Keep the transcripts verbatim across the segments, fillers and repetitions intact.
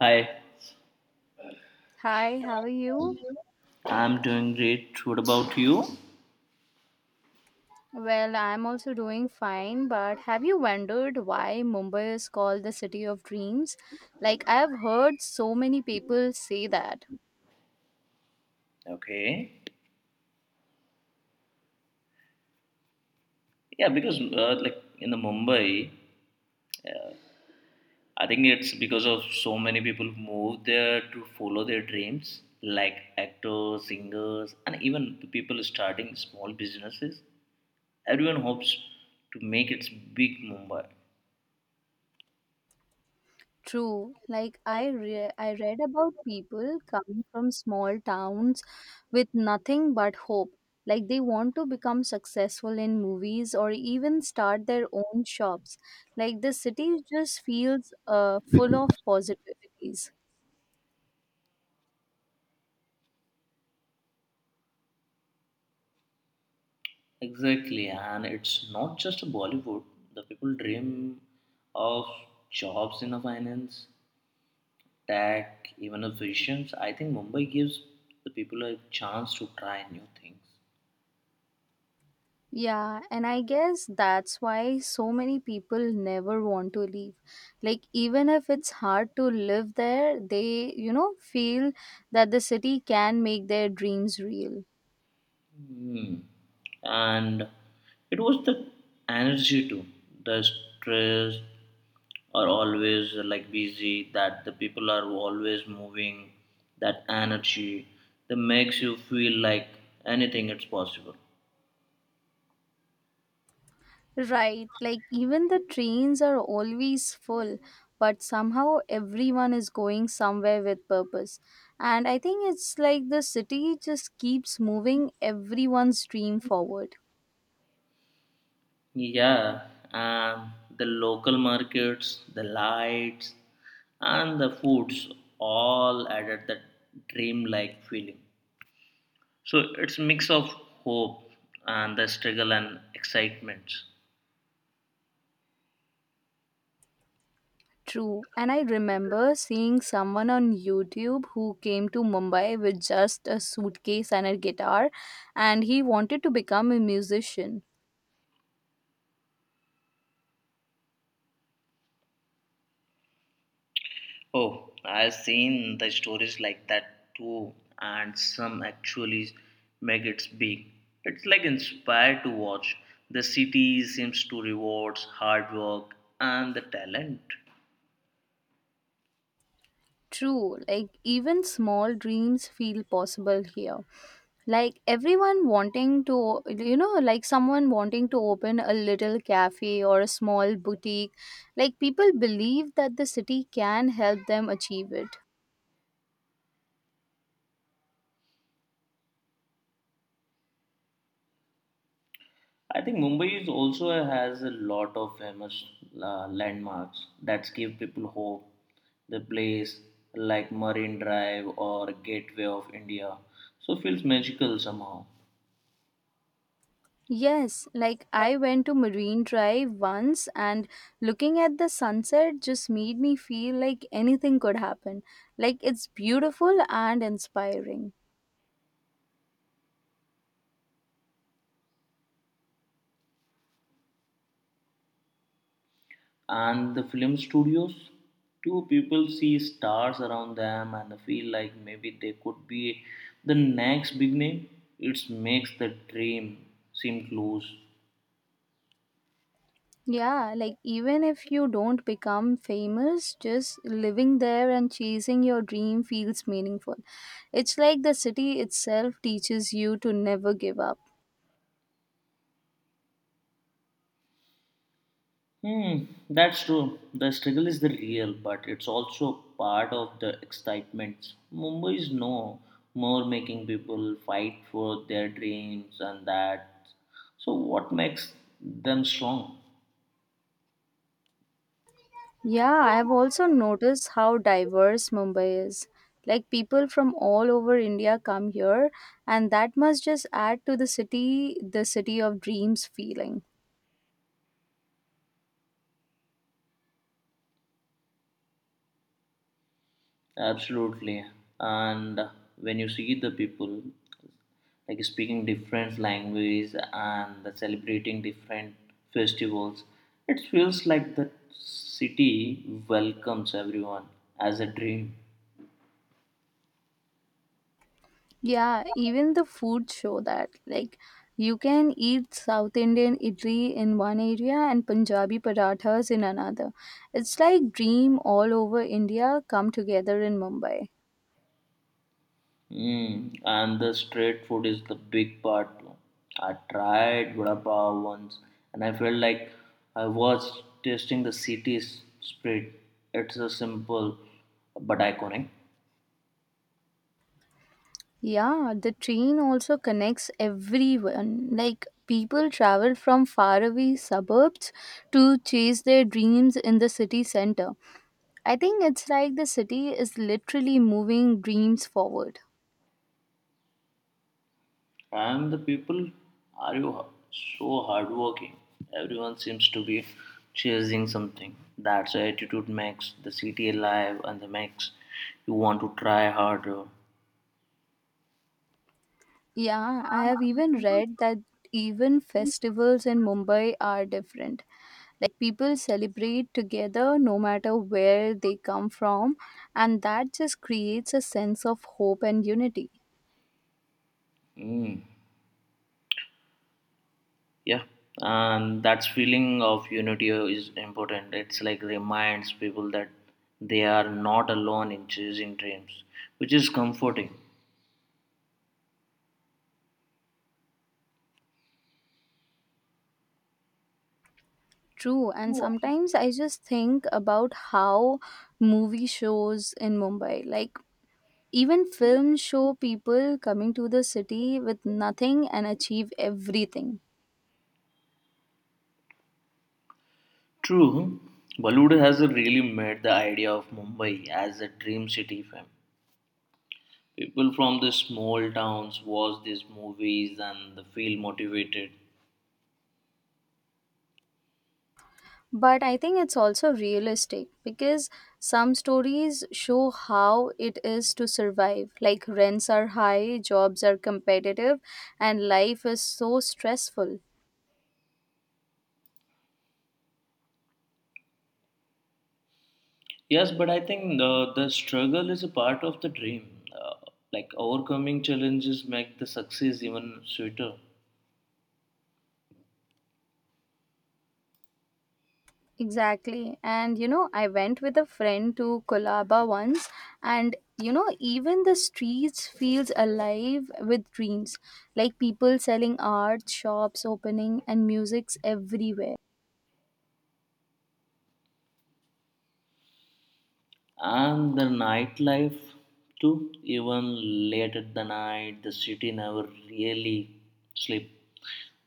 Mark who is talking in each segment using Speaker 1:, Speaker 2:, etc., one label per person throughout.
Speaker 1: Hi,
Speaker 2: Hi, how are you?
Speaker 1: I'm doing great. What about you?
Speaker 2: Well, I'm also doing fine, but have you wondered why Mumbai is called the city of dreams? Like I've heard so many people say that.
Speaker 1: Okay. Yeah, because uh, like in the Mumbai, uh, I think it's because of so many people move there to follow their dreams, like actors, singers, and even the people starting small businesses. Everyone hopes to make its big Mumbai.
Speaker 2: True. Like I re- I read about people coming from small towns with nothing but hope. Like they want to become successful in movies or even start their own shops. Like the city just feels uh, full of positivities.
Speaker 1: Exactly, and it's not just Bollywood. The people dream of jobs in the finance, tech, even a visions, I think Mumbai gives the people a chance to try new things.
Speaker 2: Yeah, and I guess that's why so many people never want to leave. Like, even if it's hard to live there, they, you know, feel that the city can make their dreams real.
Speaker 1: Hmm. And it was the energy too. The stress are always like busy, that the people are always moving, that energy that makes you feel like anything it's possible.
Speaker 2: Right, like, even the trains are always full, but somehow everyone is going somewhere with purpose. And I think it's like the city just keeps moving everyone's dream forward.
Speaker 1: Yeah, and the local markets, the lights, and the foods all added that dreamlike feeling. So it's mix of hope and the struggle and excitement.
Speaker 2: True. And I remember seeing someone on YouTube who came to Mumbai with just a suitcase and a guitar, and he wanted to become a musician.
Speaker 1: Oh, I've seen the stories like that too, and some actually make it big. It's like inspired to watch. The city seems to rewards hard work and the talent.
Speaker 2: True. Like, even small dreams feel possible here. Like, everyone wanting to, you know, like someone wanting to open a little cafe or a small boutique. Like, people believe that the city can help them achieve it.
Speaker 1: I think Mumbai is also has a lot of famous uh, landmarks that give people hope. The place like Marine Drive or Gateway of India, so feels magical somehow.
Speaker 2: Yes, like I went to Marine Drive once and looking at the sunset just made me feel like anything could happen. Like it's beautiful and inspiring.
Speaker 1: And the film studios, too, people see stars around them and feel like maybe they could be the next big name. It makes the dream seem close.
Speaker 2: Yeah, like even if you don't become famous, just living there and chasing your dream feels meaningful. It's like the city itself teaches you to never give up.
Speaker 1: Hmm, that's true. The struggle is the real, but it's also part of the excitement. Mumbai is no more making people fight for their dreams and that. So, what makes them strong?
Speaker 2: Yeah, I've also noticed how diverse Mumbai is. Like people from all over India come here, and that must just add to the city, the city of dreams feeling.
Speaker 1: Absolutely. And when you see the people, like speaking different language and the celebrating different festivals, it feels like the city welcomes everyone as a dream.
Speaker 2: Yeah, even the food show that. Like you can eat South Indian idli in one area and Punjabi parathas in another. It's like dream all over India come together in Mumbai.
Speaker 1: Mm, and the street food is the big part too. I tried vada pav once and I felt like I was tasting the city's spirit. It's a simple but iconic.
Speaker 2: Yeah, the train also connects everyone. Like people travel from faraway suburbs to chase their dreams in the city center. I think it's like the city is literally moving dreams forward.
Speaker 1: And the people are you h- so hardworking. Everyone seems to be chasing something. That's the attitude makes the city alive and the makes you want to try harder.
Speaker 2: Yeah, I have even read that even festivals in Mumbai are different. Like people celebrate together no matter where they come from, and that just creates a sense of hope and unity.
Speaker 1: Mm, yeah, and that feeling of unity is important, it's like reminds people that they are not alone in chasing dreams, which is comforting.
Speaker 2: True, and sometimes I just think about how movie shows in Mumbai, like even films show people coming to the city with nothing and achieve everything.
Speaker 1: True, Bollywood has really made the idea of Mumbai as a dream city fam. People from the small towns watch these movies and they feel motivated.
Speaker 2: But I think it's also realistic because some stories show how it is to survive. Like rents are high, jobs are competitive, and life is so stressful.
Speaker 1: Yes, but I think the, the struggle is a part of the dream. Uh, like overcoming challenges make the success even sweeter.
Speaker 2: Exactly. And you know, I went with a friend to Kolaba once and you know, even the streets feels alive with dreams. Like people selling art, shops opening and music's everywhere.
Speaker 1: And the nightlife too, even late at the night the city never really sleep.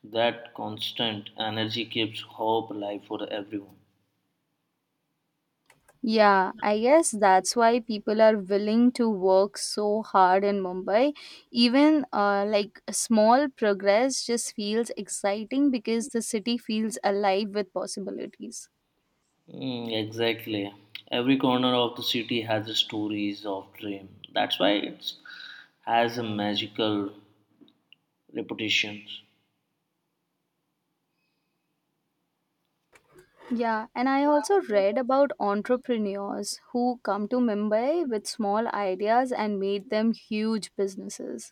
Speaker 1: That constant energy keeps hope alive for everyone.
Speaker 2: Yeah, I guess that's why people are willing to work so hard in Mumbai. Even uh, like small progress just feels exciting because the city feels alive with possibilities.
Speaker 1: Mm, exactly. Every corner of the city has a stories of dream. That's why it has a magical reputation.
Speaker 2: Yeah, and I also read about entrepreneurs who come to Mumbai with small ideas and made them huge businesses.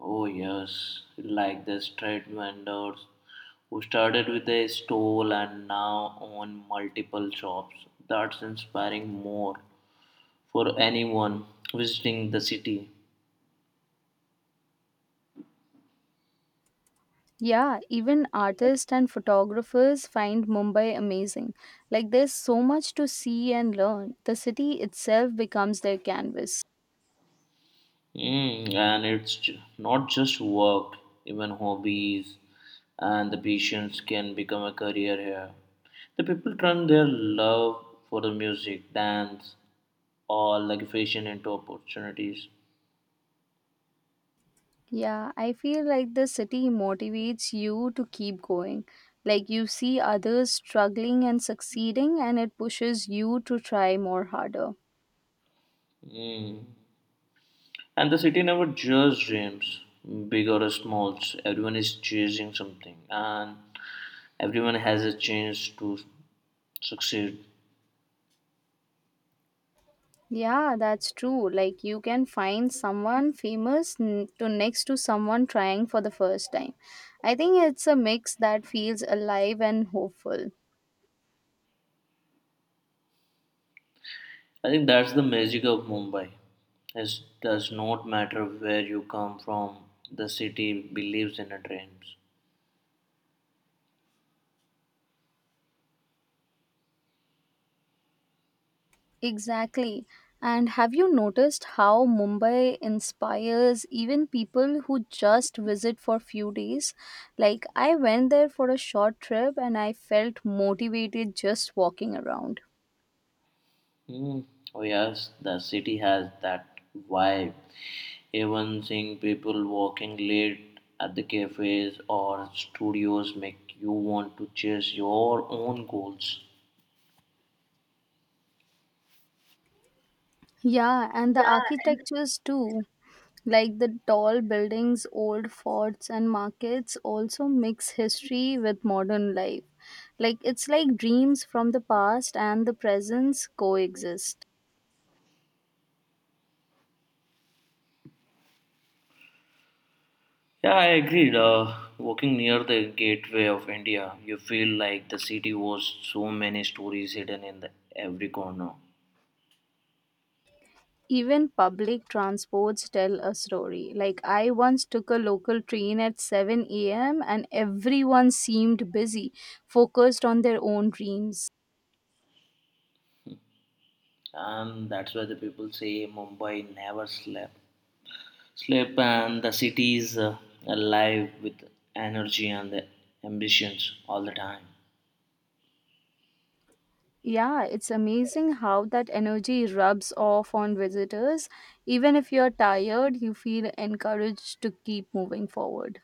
Speaker 1: Oh yes, like the street vendors who started with a stall and now own multiple shops. That's inspiring more for anyone visiting the city.
Speaker 2: Yeah, even artists and photographers find Mumbai amazing. Like, there's so much to see and learn. The city itself becomes their canvas.
Speaker 1: Mm, and it's ju- not just work, even hobbies and the patience can become a career here. The people turn their love for the music, dance, or like fashion into opportunities.
Speaker 2: Yeah, I feel like the city motivates you to keep going. Like, you see others struggling and succeeding, and it pushes you to try more harder.
Speaker 1: And the city never just dreams, big or small. Everyone is chasing something, and everyone has a chance to succeed.
Speaker 2: Yeah, that's true. Like you can find someone famous n- to next to someone trying for the first time. I think it's a mix that feels alive and hopeful.
Speaker 1: I think that's the magic of Mumbai. It does not matter where you come from, the city believes in a dreams.
Speaker 2: Exactly. And have you noticed how Mumbai inspires even people who just visit for few days? Like I went there for a short trip and I felt motivated just walking around.
Speaker 1: Hmm. Oh yes, the city has that vibe. Even seeing people walking late at the cafes or studios make you want to chase your own goals.
Speaker 2: Yeah, and the architectures too. Like the tall buildings, old forts, and markets also mix history with modern life. Like it's like dreams from the past and the present coexist.
Speaker 1: Yeah, I agreed. Uh, walking near the gateway of India, you feel like the city was so many stories hidden in the every corner.
Speaker 2: Even public transports tell a story. Like I once took a local train at seven a m and everyone seemed busy, focused on their own dreams.
Speaker 1: And that's why the people say Mumbai never slept. Sleep and the city is uh, alive with energy and the ambitions all the time.
Speaker 2: Yeah, it's amazing how that energy rubs off on visitors. Even if you're tired, you feel encouraged to keep moving forward.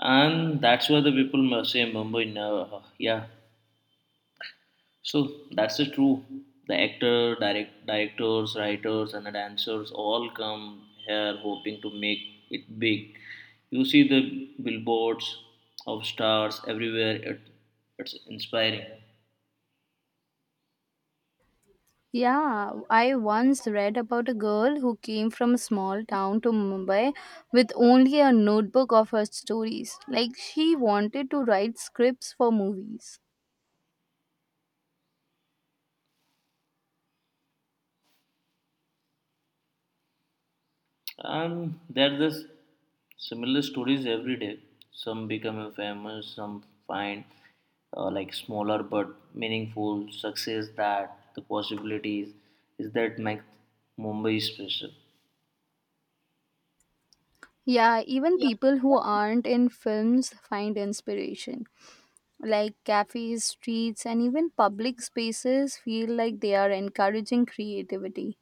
Speaker 1: And that's why the people must say Mumbai never. Yeah. So that's the true. The actor, direct, directors, writers, and the dancers all come here hoping to make it big. You see the billboards of stars everywhere. It, it's inspiring.
Speaker 2: Yeah, I once read about a girl who came from a small town to Mumbai with only a notebook of her stories. Like, she wanted to write scripts for movies.
Speaker 1: And there are similar stories every day. Some become famous, some find uh, like smaller but meaningful success that the possibilities is that make Mumbai special.
Speaker 2: Yeah, even people who aren't in films find inspiration. Like cafes, streets, and even public spaces feel like they are encouraging creativity.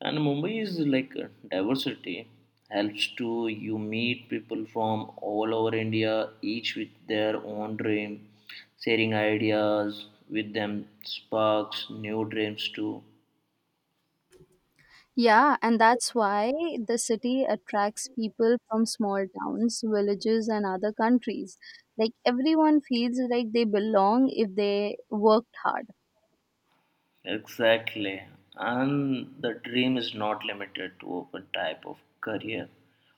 Speaker 1: And Mumbai is like a diversity helps to you meet people from all over India, each with their own dream, sharing ideas with them sparks new dreams too.
Speaker 2: Yeah, and that's why the city attracts people from small towns, villages, and other countries. Like everyone feels like they belong if they worked hard.
Speaker 1: Exactly. And the dream is not limited to open type of career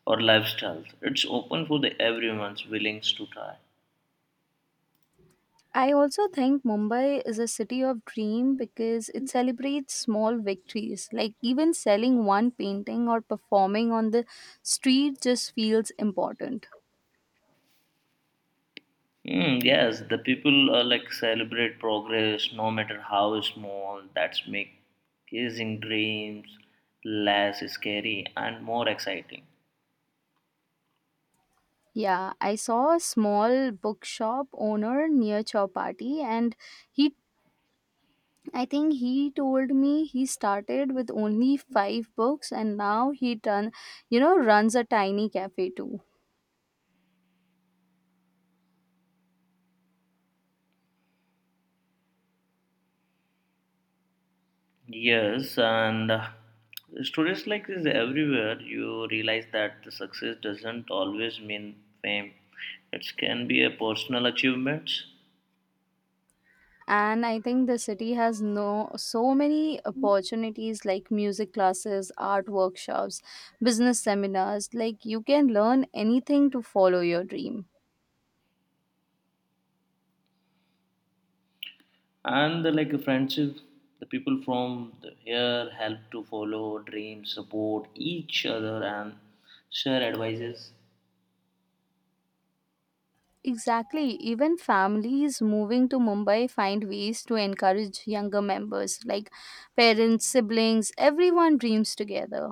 Speaker 1: or lifestyles. It's open for the everyone's willing to try.
Speaker 2: I also think Mumbai is a city of dream because it celebrates small victories. Like even selling one painting or performing on the street just feels important.
Speaker 1: Mm, yes, the people uh, like celebrate progress no matter how small. That's make chasing dreams less scary and more exciting.
Speaker 2: Yeah, I saw a small bookshop owner near Chowpatty and he I think he told me he started with only five books and now he done you know runs a tiny cafe too.
Speaker 1: Yes, and uh, stories like this everywhere. You realize that the success doesn't always mean fame. It can be a personal achievement.
Speaker 2: And I think the city has no so many opportunities like music classes, art workshops, business seminars like you can learn anything to follow your dream.
Speaker 1: And uh, like a friendship. The people from the here help to follow dreams, support each other, and share advices.
Speaker 2: Exactly. Even families moving to Mumbai find ways to encourage younger members, like parents, siblings, everyone dreams together.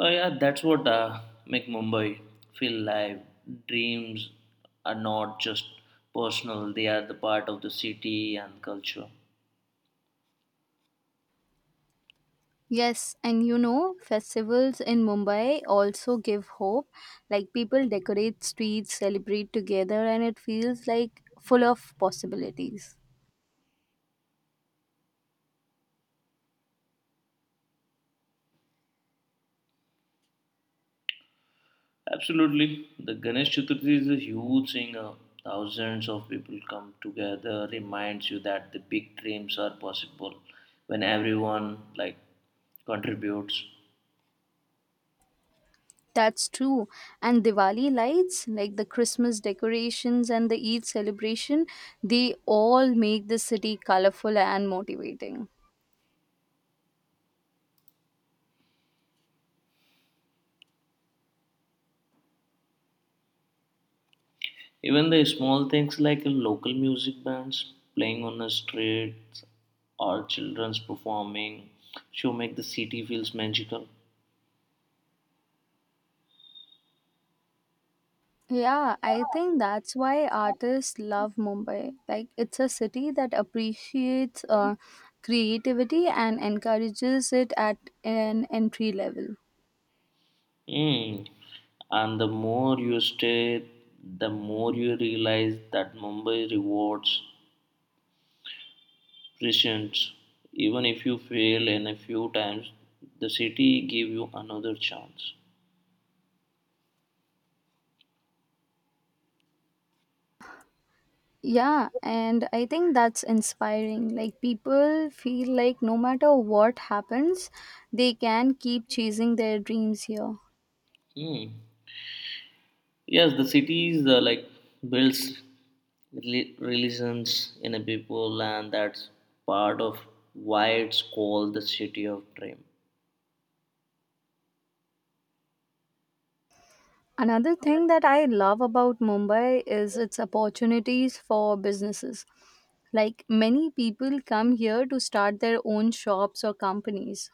Speaker 1: Oh yeah, that's what uh, make Mumbai feel live. Dreams are not just personal; they are the part of the city and culture.
Speaker 2: Yes, and you know, festivals in Mumbai also give hope. Like people decorate streets, celebrate together, and it feels like full of possibilities.
Speaker 1: Absolutely. The Ganesh Chaturthi is a huge thing. Uh, thousands of people come together, reminds you that the big dreams are possible when everyone like contributes.
Speaker 2: That's true. And Diwali lights, like the Christmas decorations and the Eid celebration, they all make the city colorful and motivating.
Speaker 1: Even the small things like local music bands playing on the streets or children's performing show make the city feels magical.
Speaker 2: Yeah, I think that's why artists love Mumbai. Like, it's a city that appreciates uh, creativity and encourages it at an entry level.
Speaker 1: Mm. And the more you stay, the more you realize that Mumbai rewards presence even if you fail in a few times, the city give you another chance.
Speaker 2: Yeah, and I think that's inspiring. Like, people feel like no matter what happens, they can keep chasing their dreams here.
Speaker 1: Hmm. Yes, the cities uh, like builds reli- religions in a people, and that's part of why it's called the city of dream.
Speaker 2: Another thing that I love about Mumbai is its opportunities for businesses. Like many people come here to start their own shops or companies.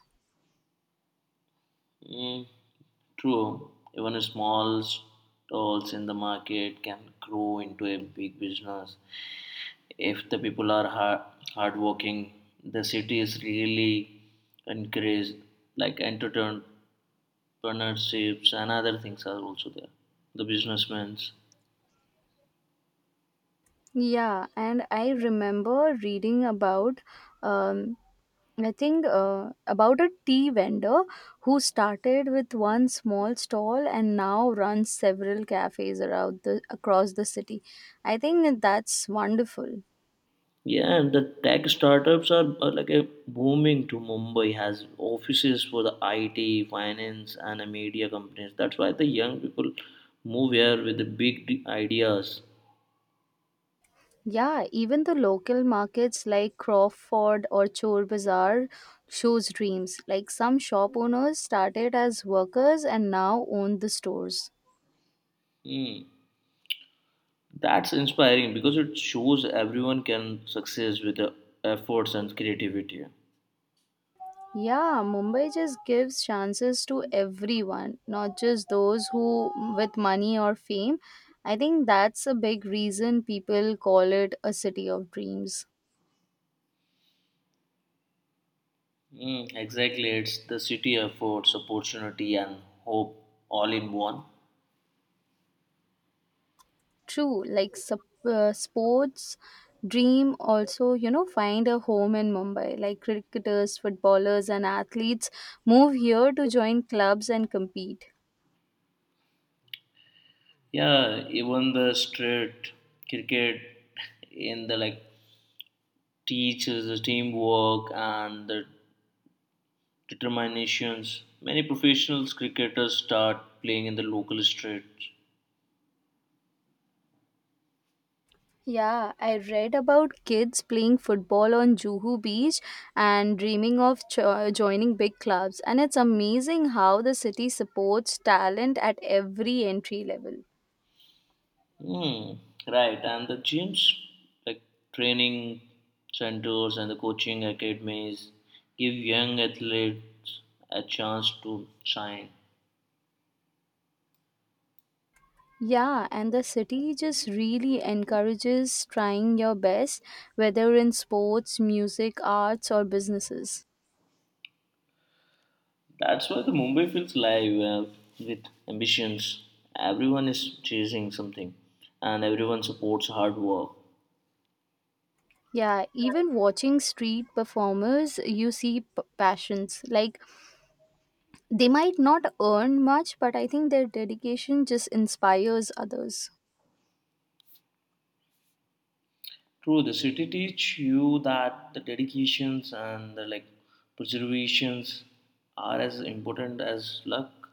Speaker 1: Hmm. True, even small stalls in the market can grow into a big business if the people are hard hardworking. The city is really encouraged, like entrepreneurships and other things are also there. The businessmen,
Speaker 2: Yeah, and I remember reading about, um, I think, uh, about a tea vendor who started with one small stall and now runs several cafes around the across the city. I think that's wonderful.
Speaker 1: yeah, and the tech startups are, are like a booming to Mumbai. Has offices for the I T, finance, and the media companies. That's why the young people move here with the big d- ideas.
Speaker 2: Yeah, even the local markets like Crawford or Chor Bazaar shows dreams. Like some shop owners started as workers and now own the stores.
Speaker 1: Hmm. That's inspiring because it shows everyone can success with the efforts and creativity.
Speaker 2: Yeah, Mumbai just gives chances to everyone, not just those who with money or fame. I think that's a big reason people call it a city of dreams.
Speaker 1: Mm, exactly, it's the city affords opportunity and hope all in one.
Speaker 2: True, like sup- uh, sports dream also, you know, find a home in Mumbai. Like cricketers, footballers, and athletes move here to join clubs and compete.
Speaker 1: Yeah, even the street cricket in the like teaches the teamwork and the determinations. Many professionals cricketers start playing in the local streets.
Speaker 2: Yeah, I read about kids playing football on Juhu Beach and dreaming of jo- joining big clubs. And it's amazing how the city supports talent at every entry level.
Speaker 1: Hmm. Right, and the gyms, like training centers and the coaching academies, give young athletes a chance to shine.
Speaker 2: Yeah, and the city just really encourages trying your best, whether in sports, music, arts, or businesses.
Speaker 1: That's why the Mumbai feels live uh, with ambitions. Everyone is chasing something, and everyone supports hard work.
Speaker 2: Yeah, even watching street performers, you see p- passions. Like, they might not earn much, but I think their dedication just inspires others.
Speaker 1: True, the city teach you that the dedications and the like preservations are as important as luck.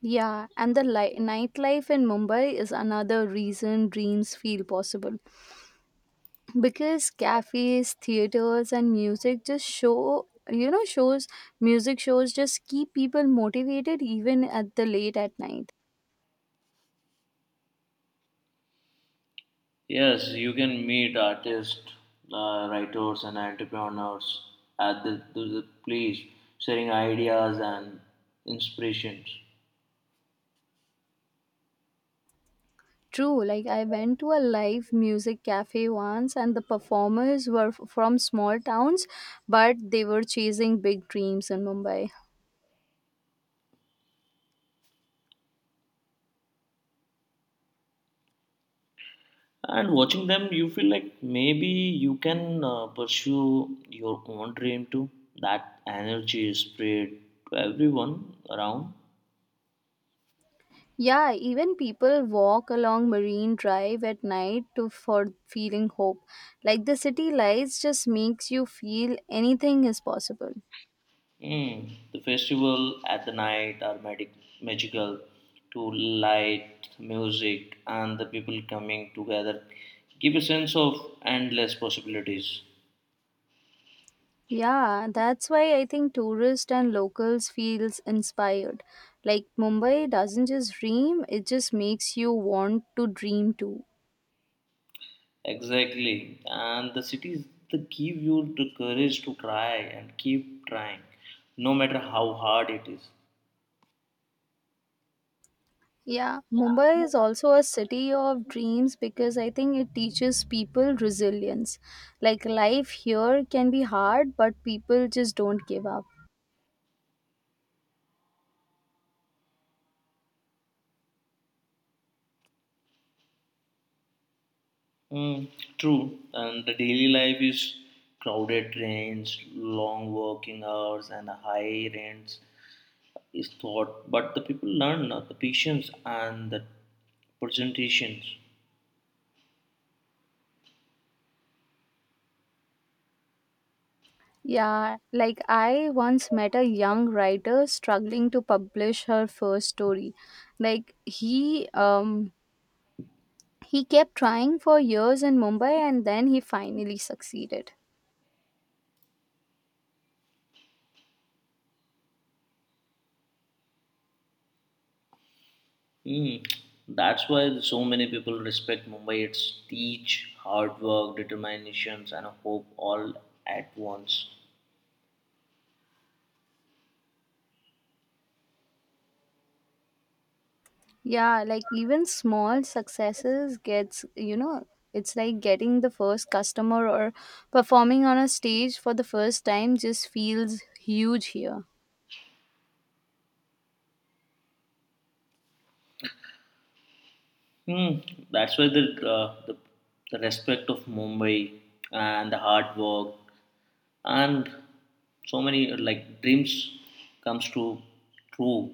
Speaker 2: Yeah, and the li- nightlife in Mumbai is another reason dreams feel possible. Because cafes, theaters, and music just show you know shows music shows just keep people motivated even at the late at night.
Speaker 1: Yes, you can meet artists, uh, writers, and entrepreneurs at the, the, the place, sharing ideas and inspirations.
Speaker 2: True, like I went to a live music cafe once and the performers were f- from small towns, but they were chasing big dreams in Mumbai.
Speaker 1: And watching them, you feel like maybe you can uh, pursue your own dream too. That energy is spread to everyone around.
Speaker 2: Yeah, even people walk along Marine Drive at night to for feeling hope, like the city lights just makes you feel anything is possible.
Speaker 1: Mm. The festival at the night are magic- magical to light, music, and the people coming together give a sense of endless possibilities.
Speaker 2: Yeah, that's why I think tourists and locals feels inspired. Like Mumbai doesn't just dream, it just makes you want to dream too.
Speaker 1: Exactly. And the cities that give you the courage to try and keep trying, no matter how hard it is.
Speaker 2: Yeah, Mumbai is also a city of dreams because I think it teaches people resilience. Like life here can be hard, but people just don't give up.
Speaker 1: Mm, true, and the daily life is crowded trains, long working hours, and high rents is thought. But the people learn uh, the patience and the presentations.
Speaker 2: Yeah, like I once met a young writer struggling to publish her first story. Like he um he kept trying for years in Mumbai and then he finally succeeded.
Speaker 1: Mm, that's why so many people respect Mumbai. It's teach, hard work, determinations, and hope all at once.
Speaker 2: Yeah, like even small successes gets, you know, it's like getting the first customer or performing on a stage for the first time just feels huge here.
Speaker 1: Hmm. That's why the, uh, the the respect of Mumbai and the hard work and so many like dreams comes to true.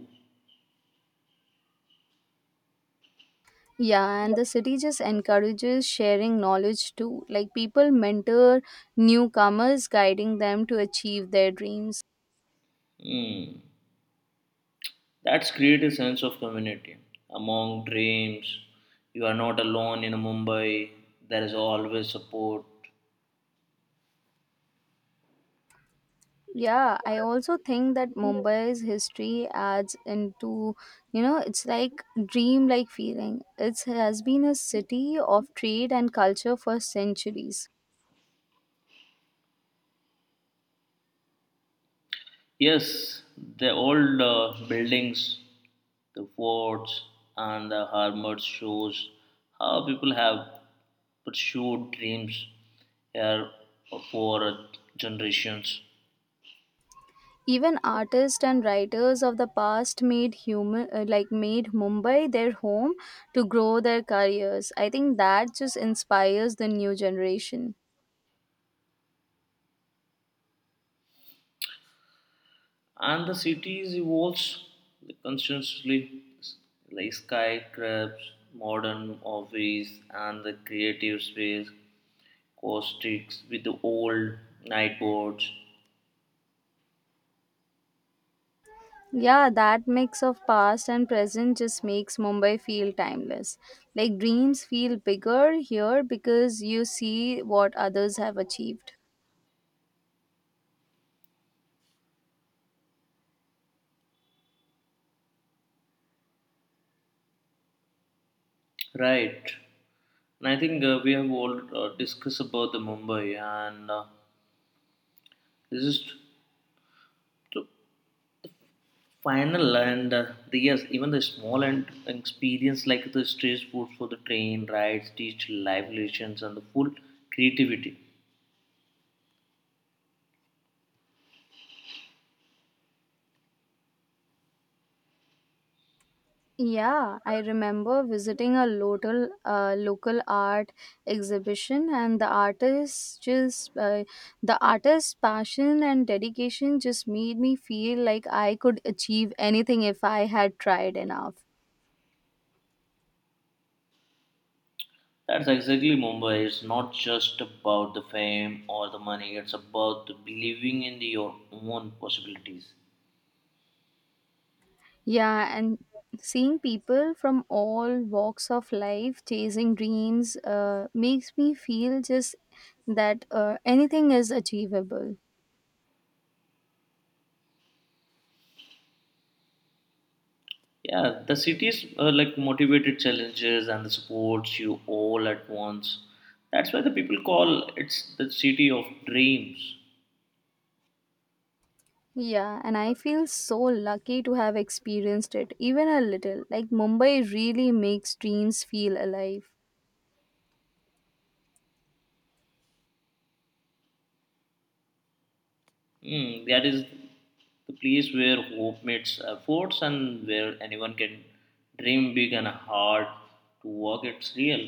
Speaker 2: Yeah, and the city just encourages sharing knowledge too. Like people mentor newcomers, guiding them to achieve their dreams.
Speaker 1: Hmm. That's create a sense of community among dreams. You are not alone in Mumbai, there is always support.
Speaker 2: Yeah, I also think that Mumbai's history adds into, you know, it's like dreamlike feeling. It has been a city of trade and culture for centuries.
Speaker 1: Yes, the old uh, buildings, the forts, and the armored shows how people have pursued dreams here for generations.
Speaker 2: Even artists and writers of the past made human uh, like made Mumbai their home to grow their careers. I think that just inspires the new generation.
Speaker 1: And the cities evolves constantly, like skyscrapers, modern office, and the creative space caustics with the old night boards.
Speaker 2: Yeah, that mix of past and present just makes Mumbai feel timeless. Like dreams feel bigger here because you see what others have achieved.
Speaker 1: Right, and I think uh, we have all uh, discussed about the Mumbai, and uh, this is the final, and uh, the yes even the small and experience like the street food for the train rides teach live relations and the full creativity.
Speaker 2: Yeah, I remember visiting a local uh, local art exhibition and the artists just uh, the artist's passion and dedication just made me feel like I could achieve anything if I had tried enough.
Speaker 1: That's exactly Mumbai. It's not just about the fame or the money, it's about the believing in the- your own possibilities.
Speaker 2: Yeah, and seeing people from all walks of life chasing dreams uh, makes me feel just that uh, anything is achievable.
Speaker 1: Yeah, the cities uh, like motivated challenges and the supports you all at once. That's why the people call it's the city of dreams.
Speaker 2: Yeah, and I feel so lucky to have experienced it, even a little. Like, Mumbai really makes dreams feel alive.
Speaker 1: Hmm, that is the place where hope meets efforts and where anyone can dream big and hard to work. It's real.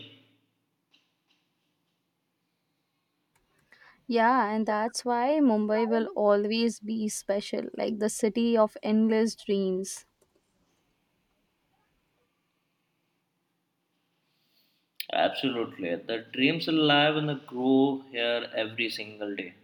Speaker 2: Yeah, and that's why Mumbai will always be special, like the city of endless dreams.
Speaker 1: Absolutely. The dreams alive and grow here every single day.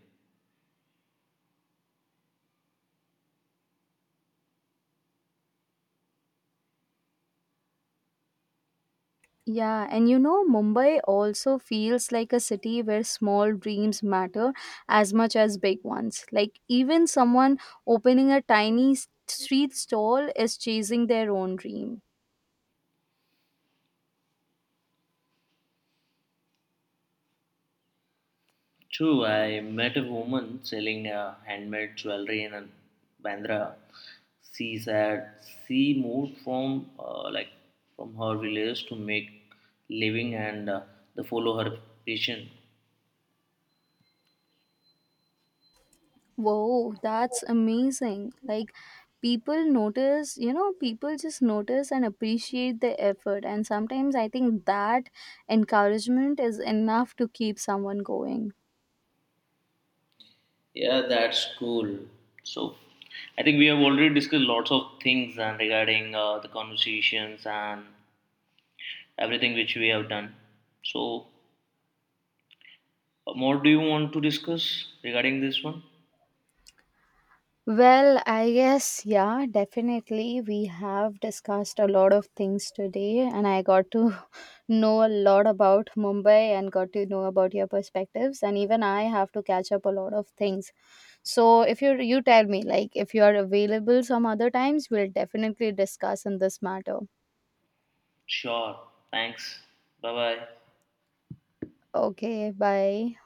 Speaker 2: Yeah, and you know, Mumbai also feels like a city where small dreams matter as much as big ones. Like, even someone opening a tiny s- street stall is chasing their own dream.
Speaker 1: True, I met a woman selling uh, handmade jewelry in uh, Bandra. She said she moved from uh, like from her village to make living and uh, to follow her passion.
Speaker 2: Whoa, that's amazing. Like, people notice, you know, people just notice and appreciate the effort. And sometimes I think that encouragement is enough to keep someone going.
Speaker 1: Yeah, that's cool. So, I think we have already discussed lots of things and regarding uh, the conversations and everything which we have done. So, more do you want to discuss regarding this one?
Speaker 2: Well, I guess, yeah, definitely. We have discussed a lot of things today, and I got to know a lot about Mumbai and got to know about your perspectives. And even I have to catch up a lot of things. So, if you you tell me, like, if you are available some other times, we'll definitely discuss in this matter.
Speaker 1: Sure. Thanks. Bye bye.
Speaker 2: Okay, bye.